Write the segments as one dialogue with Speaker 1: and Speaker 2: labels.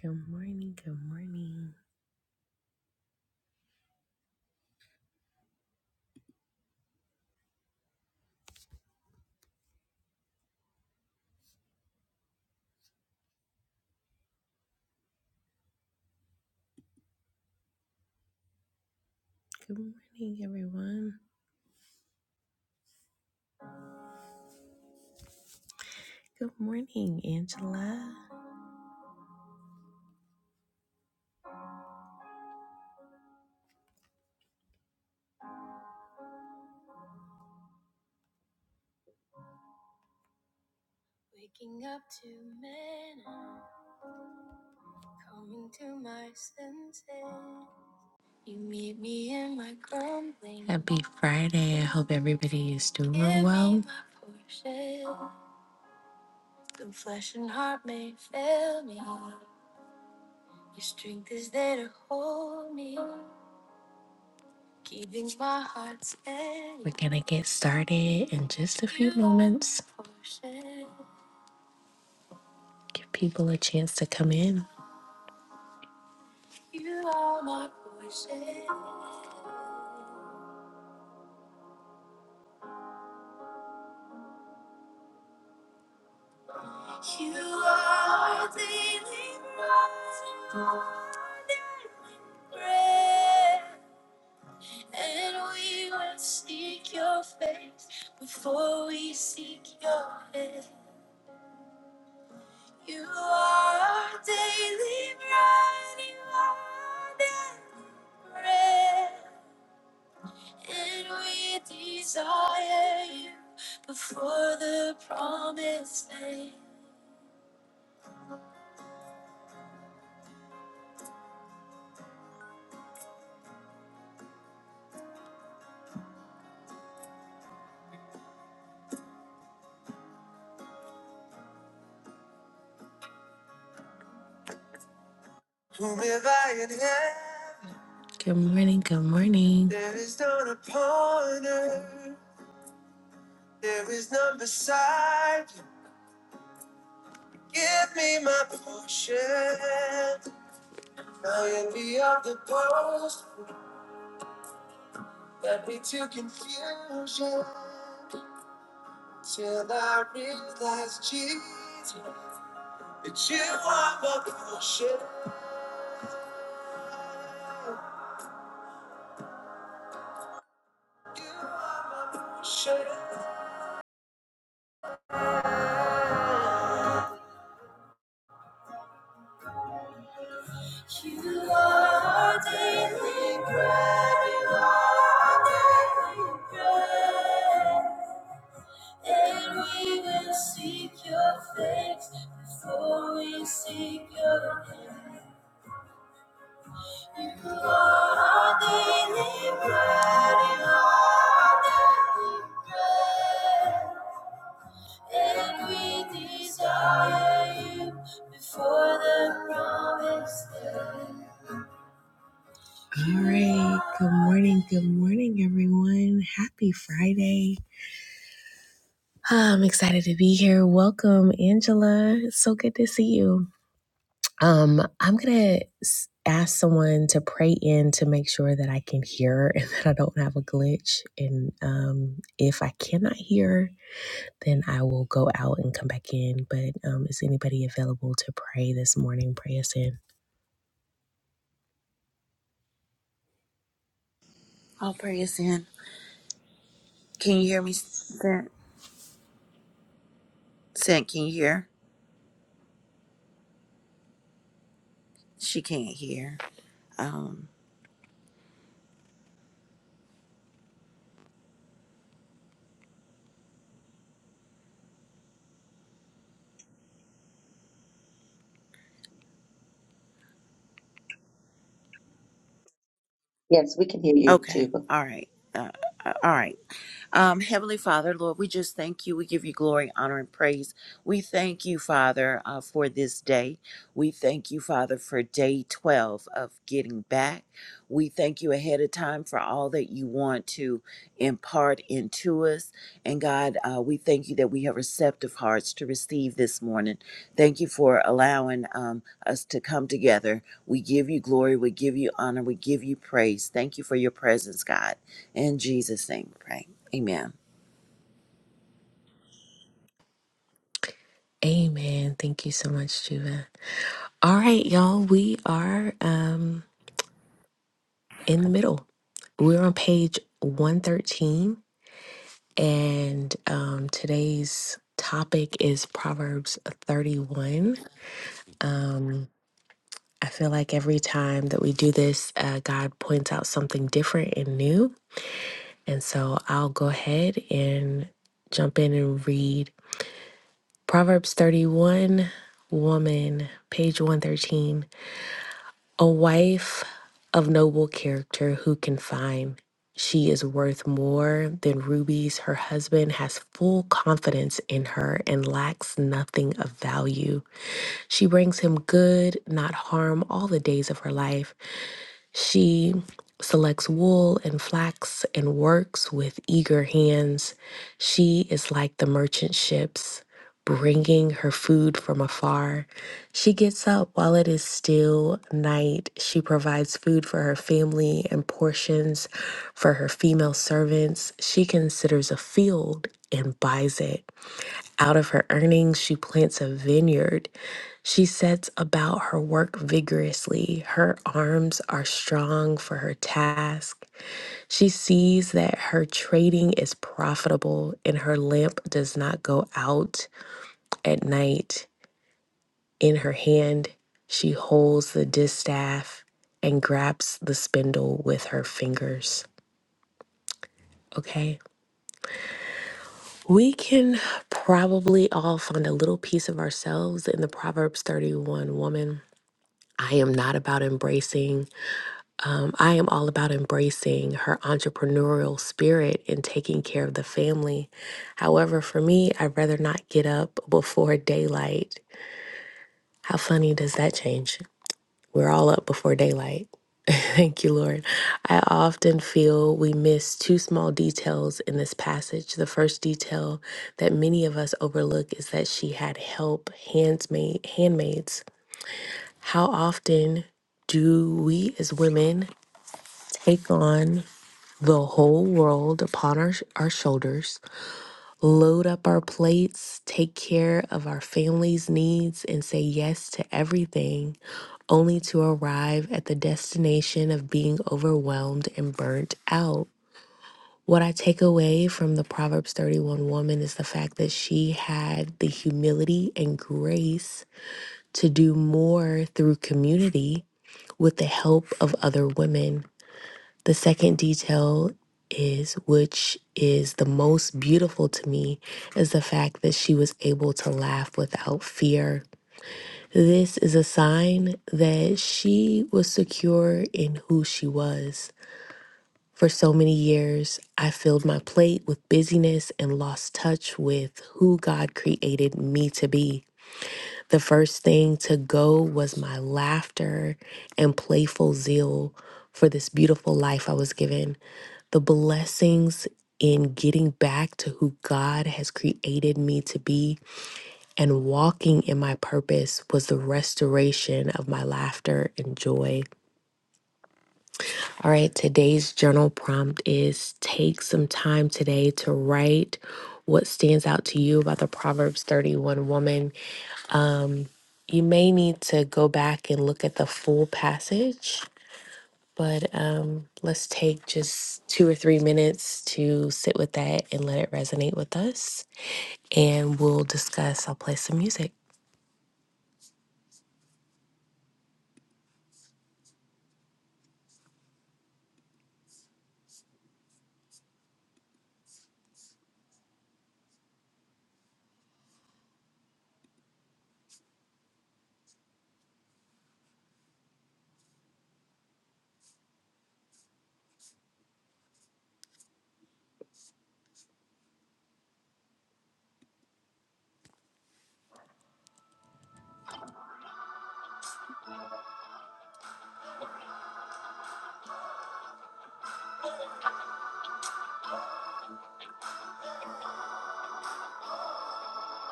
Speaker 1: Good morning, good morning, good morning, everyone. Good morning, Angela. Waking up to men, coming to my senses. You meet me in my grumbling. Happy Friday. I hope everybody is doing Give me well. my portion. Though flesh and heart may fail me, your strength is there to hold me. Keeping my heart's end. We're gonna get started in just a few You are moments. my portion. Give people a chance to come in. You are my portion. You are my daily bread. Daily bread. And we will seek your face before we seek your head. You are our daily bread, you are our daily bread, and we desire you before the promise land. Good morning, good morning. There is none upon earth, there is none beside you. Give me my portion, my envy of the post, let me to confusion. Till I realize, Jesus, that you are my portion. You are my portion. You are our daily bread. You are our daily bread. And we will seek your face before we seek your hand. You are our daily bread. You are our daily bread. Every desire before the promised land. All right. Good morning. Good morning, everyone. Happy Friday. Ah, I'm excited to be here. Welcome, Angela. It's so good to see you. Um, I'm gonna ask someone to pray in to make sure that I can hear and that I don't have a glitch. And um, if I cannot hear, then I will go out and come back in. But um, is anybody available to pray this morning? Pray us in.
Speaker 2: I'll pray us in. Can you hear me, Sent? Sent, can you hear? She can't hear. Um.
Speaker 3: Yes, we can hear you
Speaker 2: Okay.
Speaker 3: too.
Speaker 2: All right. Uh, uh, all right. Um, Heavenly Father, Lord, we just thank you. We give you glory, honor, and praise. We thank you, Father, uh, for this day. We thank you, Father, for day 12 of getting back. We thank you ahead of time for all that you want to impart into us. And God, uh, we thank you that we have receptive hearts to receive this morning. Thank you for allowing um, us to come together. We give you glory. We give you honor. We give you praise. Thank you for your presence, God. In Jesus' name, we pray. Amen.
Speaker 1: Amen. Thank you so much, Juva. All right, y'all. We are um, in the middle. We're on page 113, and um, today's topic is Proverbs 31. Um, I feel like every time that we do this, uh, God points out something different and new. And so I'll go ahead and jump in and read Proverbs 31, woman, page 113. A wife of noble character who can find. She is worth more than rubies. Her husband has full confidence in her and lacks nothing of value. She brings him good, not harm, all the days of her life. She selects wool and flax and works with eager hands. She is like the merchant ships, bringing her food from afar. She gets up while it is still night. She provides food for her family and portions for her female servants. She considers a field and buys it. Out of her earnings, she plants a vineyard. She sets about her work vigorously. Her arms are strong for her task. She sees that her trading is profitable and her lamp does not go out at night. In her hand, she holds the distaff and grabs the spindle with her fingers. Okay. We can probably all find a little piece of ourselves in the Proverbs 31 woman I am not about embracing. Um, I am all about embracing her entrepreneurial spirit and taking care of the family. However, for me, I'd rather not get up before daylight. How funny does that change? We're all up before daylight. Thank you, Lord. I often feel we miss two small details in this passage. The first detail that many of us overlook is that she had help, handsmaid, handmaids. How often do we as women take on the whole world upon our, our shoulders, load up our plates, take care of our family's needs, and say yes to everything, only to arrive at the destination of being overwhelmed and burnt out. What I take away from the Proverbs 31 woman is the fact that she had the humility and grace to do more through community with the help of other women. The second detail is, which is the most beautiful to me, is the fact that she was able to laugh without fear. This is a sign that she was secure in who she was. For so many years, I filled my plate with busyness and lost touch with who God created me to be. The first thing to go was my laughter and playful zeal for this beautiful life I was given. The blessings in getting back to who God has created me to be and walking in my purpose was the restoration of my laughter and joy. All right, today's journal prompt is take some time today to write what stands out to you about the Proverbs 31 woman you may need to go back and look at the full passage, but um, let's take just two or three minutes to sit with that and let it resonate with us. And we'll discuss. I'll play some music.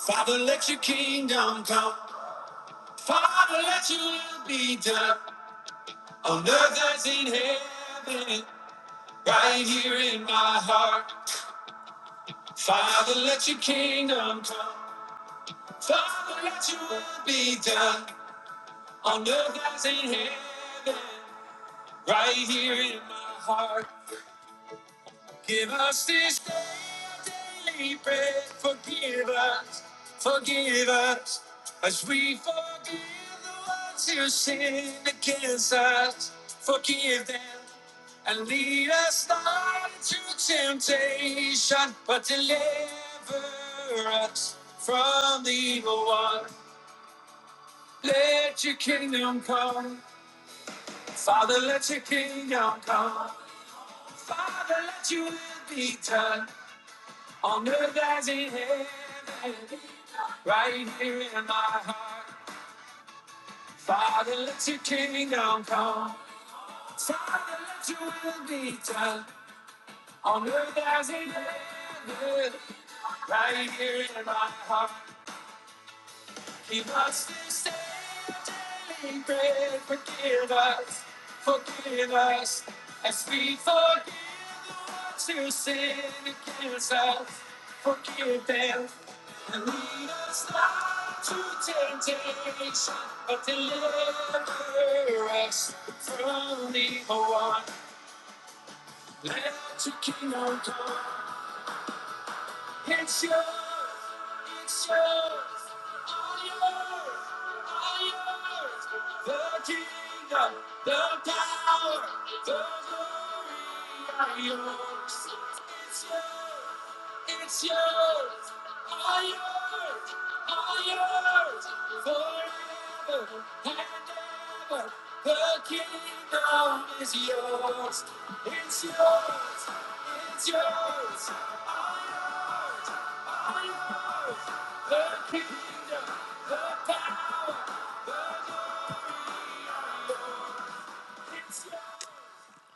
Speaker 1: Father, let your kingdom come. Father, let your will be done on earth as in heaven, right here in my heart. Father, let your kingdom come. Father, let your will be done on earth as in heaven. right here in my heart. Give us this daily bread. Forgive us, forgive us, as we forgive the ones who sin against us. Forgive them and lead us not into temptation, but deliver us from the evil one. Let your kingdom come, Father. Let your kingdom come. Father, let your will be done on earth as in heaven. Right here in my heart. Father, let your kingdom come. Father, let your will be done on earth as in heaven. Right here in my heart. He must be saved daily bread. Forgive us, forgive us, as we forgive those who sin against us. Forgive them, and lead us not to temptation, but deliver us from the evil one. Let your kingdom come. It's yours. It's yours. All yours. All yours. The kingdom, the power, the glory are yours. It's yours. It's yours. All yours. All yours. Forever and ever. The kingdom is yours. It's yours. It's yours. All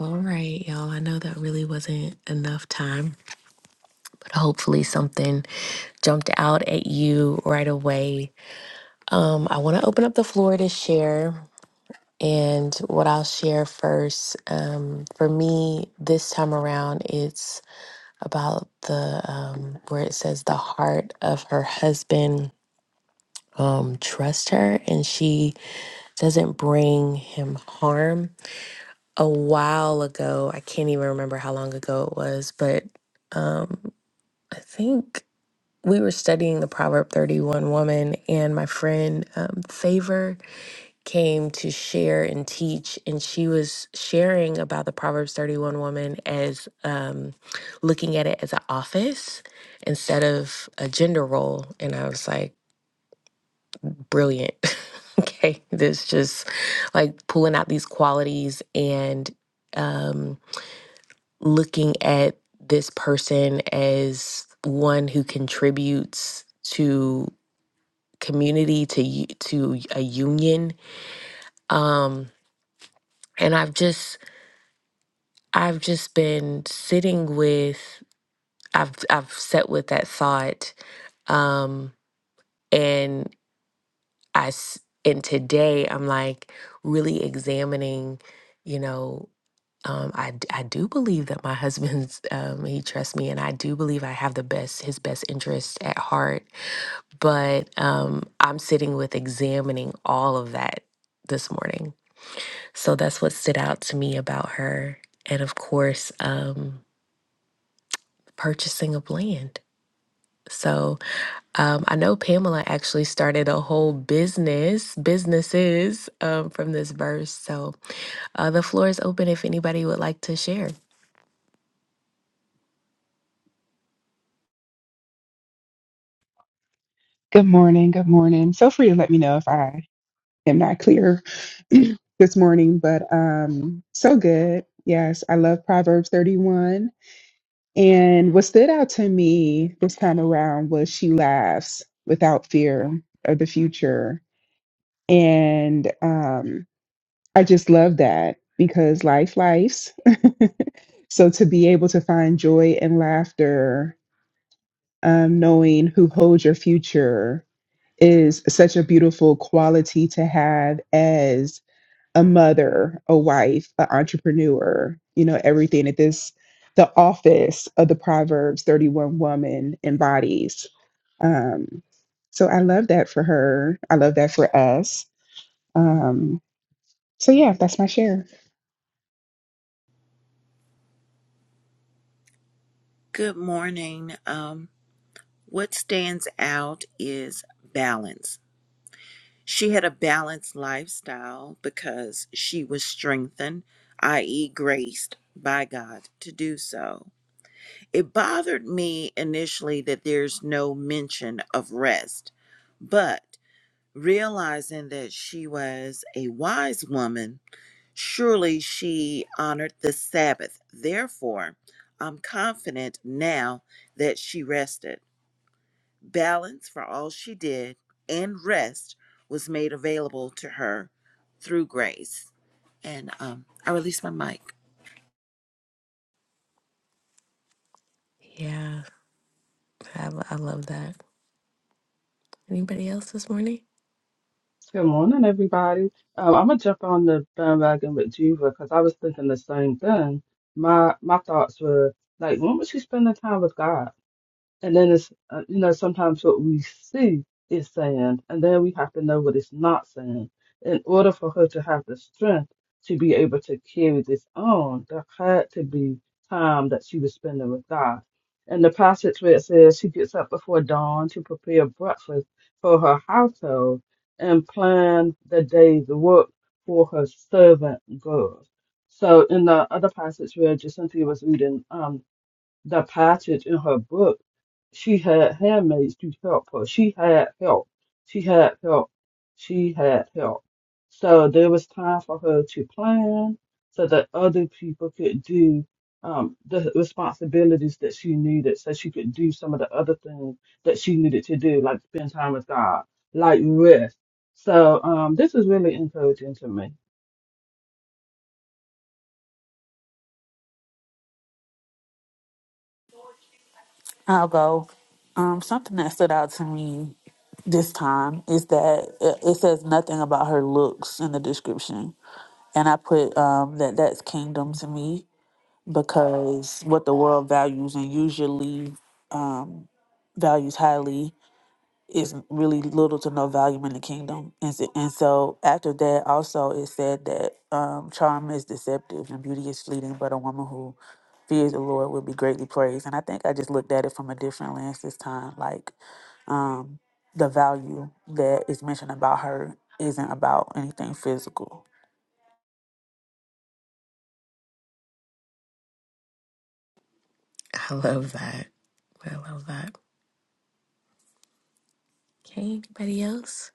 Speaker 1: all right, y'all. I know that really wasn't enough time, but hopefully something jumped out at you right away. Um, I want to open up the floor to share. And what I'll share first, um, for me this time around, it's about the um, where it says the heart of her husband um, trust her and she doesn't bring him harm. A while ago, I can't even remember how long ago it was, but um, I think we were studying the Proverb 31 woman, and my friend um, Favor came to share and teach, and she was sharing about the Proverbs 31 woman as um, looking at it as an office instead of a gender role. And I was like, brilliant. okay. This just like pulling out these qualities and um, looking at this person as one who contributes to community to u- to a union um and i've just i've just been sitting with i've i've sat with that thought um and i s- and today i'm like really examining you know um, I, d- I do believe that my husband's um, he trusts me and i do believe i have the best his best interest at heart but um, i'm sitting with examining all of that this morning so that's what stood out to me about her and of course um, purchasing of land so um, I know Pamela actually started a whole business, businesses um, from this verse. So uh, the floor is open if anybody would like to share.
Speaker 4: Good morning. Good morning. Feel free to let me know if I am not clear this morning, but um, so good. Yes, I love Proverbs 31. And what stood out to me this time around was she laughs without fear of the future. And um, I just love that because life, life's. So to be able to find joy and laughter, um, knowing who holds your future is such a beautiful quality to have as a mother, a wife, an entrepreneur, you know, everything that this, the office of the Proverbs 31 woman embodies. Um, so I love that for her. I love that for us. Um, so yeah, that's my share.
Speaker 2: Good morning. Um, what stands out is balance. She had a balanced lifestyle because she was strengthened, i.e., graced by God to do so. It bothered me initially that there's no mention of rest, but realizing that she was a wise woman Surely she honored the Sabbath. Therefore, I'm confident now that she rested. Balance for all she did and rest was made available to her through grace. And um, I release my mic.
Speaker 1: Yeah. I, lo- I love that. Anybody else this morning?
Speaker 5: Good morning, everybody. Um, I'm gonna jump on the bandwagon with Juva because I was thinking the same thing. My my thoughts were like, when was she spending time with God? And then it's, uh, you know, sometimes what we see is saying, and then we have to know what it's not saying. In order for her to have the strength to be able to carry this on, there had to be time that she was spending with God. And the passage where it says she gets up before dawn to prepare breakfast for her household and plan the day's work for her servant girls. So in the other passage where Jacinthia was reading, um, the passage in her book, she had handmaids to help her. She had help. She had help. She had help. So there was time for her to plan so that other people could do um, the responsibilities that she needed so she could do some of the other things that she needed to do, like spend time with God, like rest. So um, this is really encouraging to
Speaker 6: I'll go. Um, something that stood out to me this time is that it it says nothing about her looks in the description, and I put um, that that's kingdom to me because what the world values and usually um, values highly is really little to no value in the kingdom. And so, and so after that, also it said that um, charm is deceptive and beauty is fleeting, but a woman who fears the Lord will be greatly praised. And I think I just looked at it from a different lens this time. Like um, the value that is mentioned about her isn't about anything physical
Speaker 1: I love that. I love that. Okay, anybody else?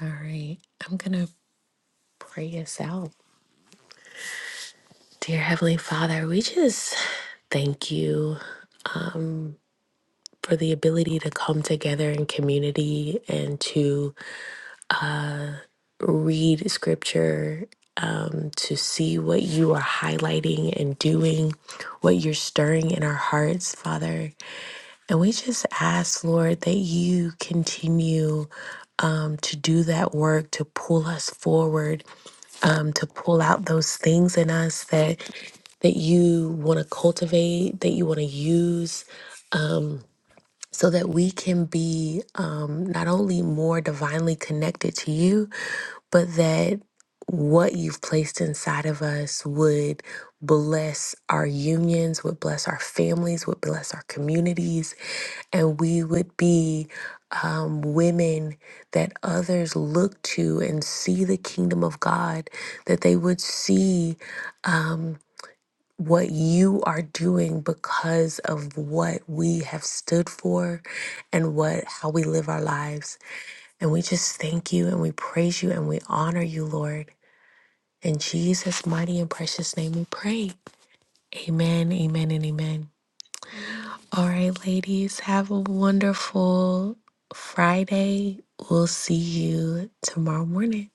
Speaker 1: All right, I'm going to pray us out. Dear Heavenly Father, we just thank you for the ability to come together in community and to read scripture, um, to see what you are highlighting and doing, what you're stirring in our hearts, Father. And we just ask, Lord, that you continue um, to do that work, to pull us forward, um, to pull out those things in us that that you want to cultivate, that you want to use so that we can be um, not only more divinely connected to you, but that what you've placed inside of us would bless our unions, would bless our families, would bless our communities, and we would be um, women that others look to and see the kingdom of God, that they would see. Um, what you are doing because of what we have stood for and what how we live our lives. And we just thank you and we praise you and we honor you, Lord. In Jesus' mighty and precious name we pray. Amen, amen, and amen.
Speaker 5: me.
Speaker 1: All right, ladies, have a wonderful Friday. We'll see you tomorrow morning.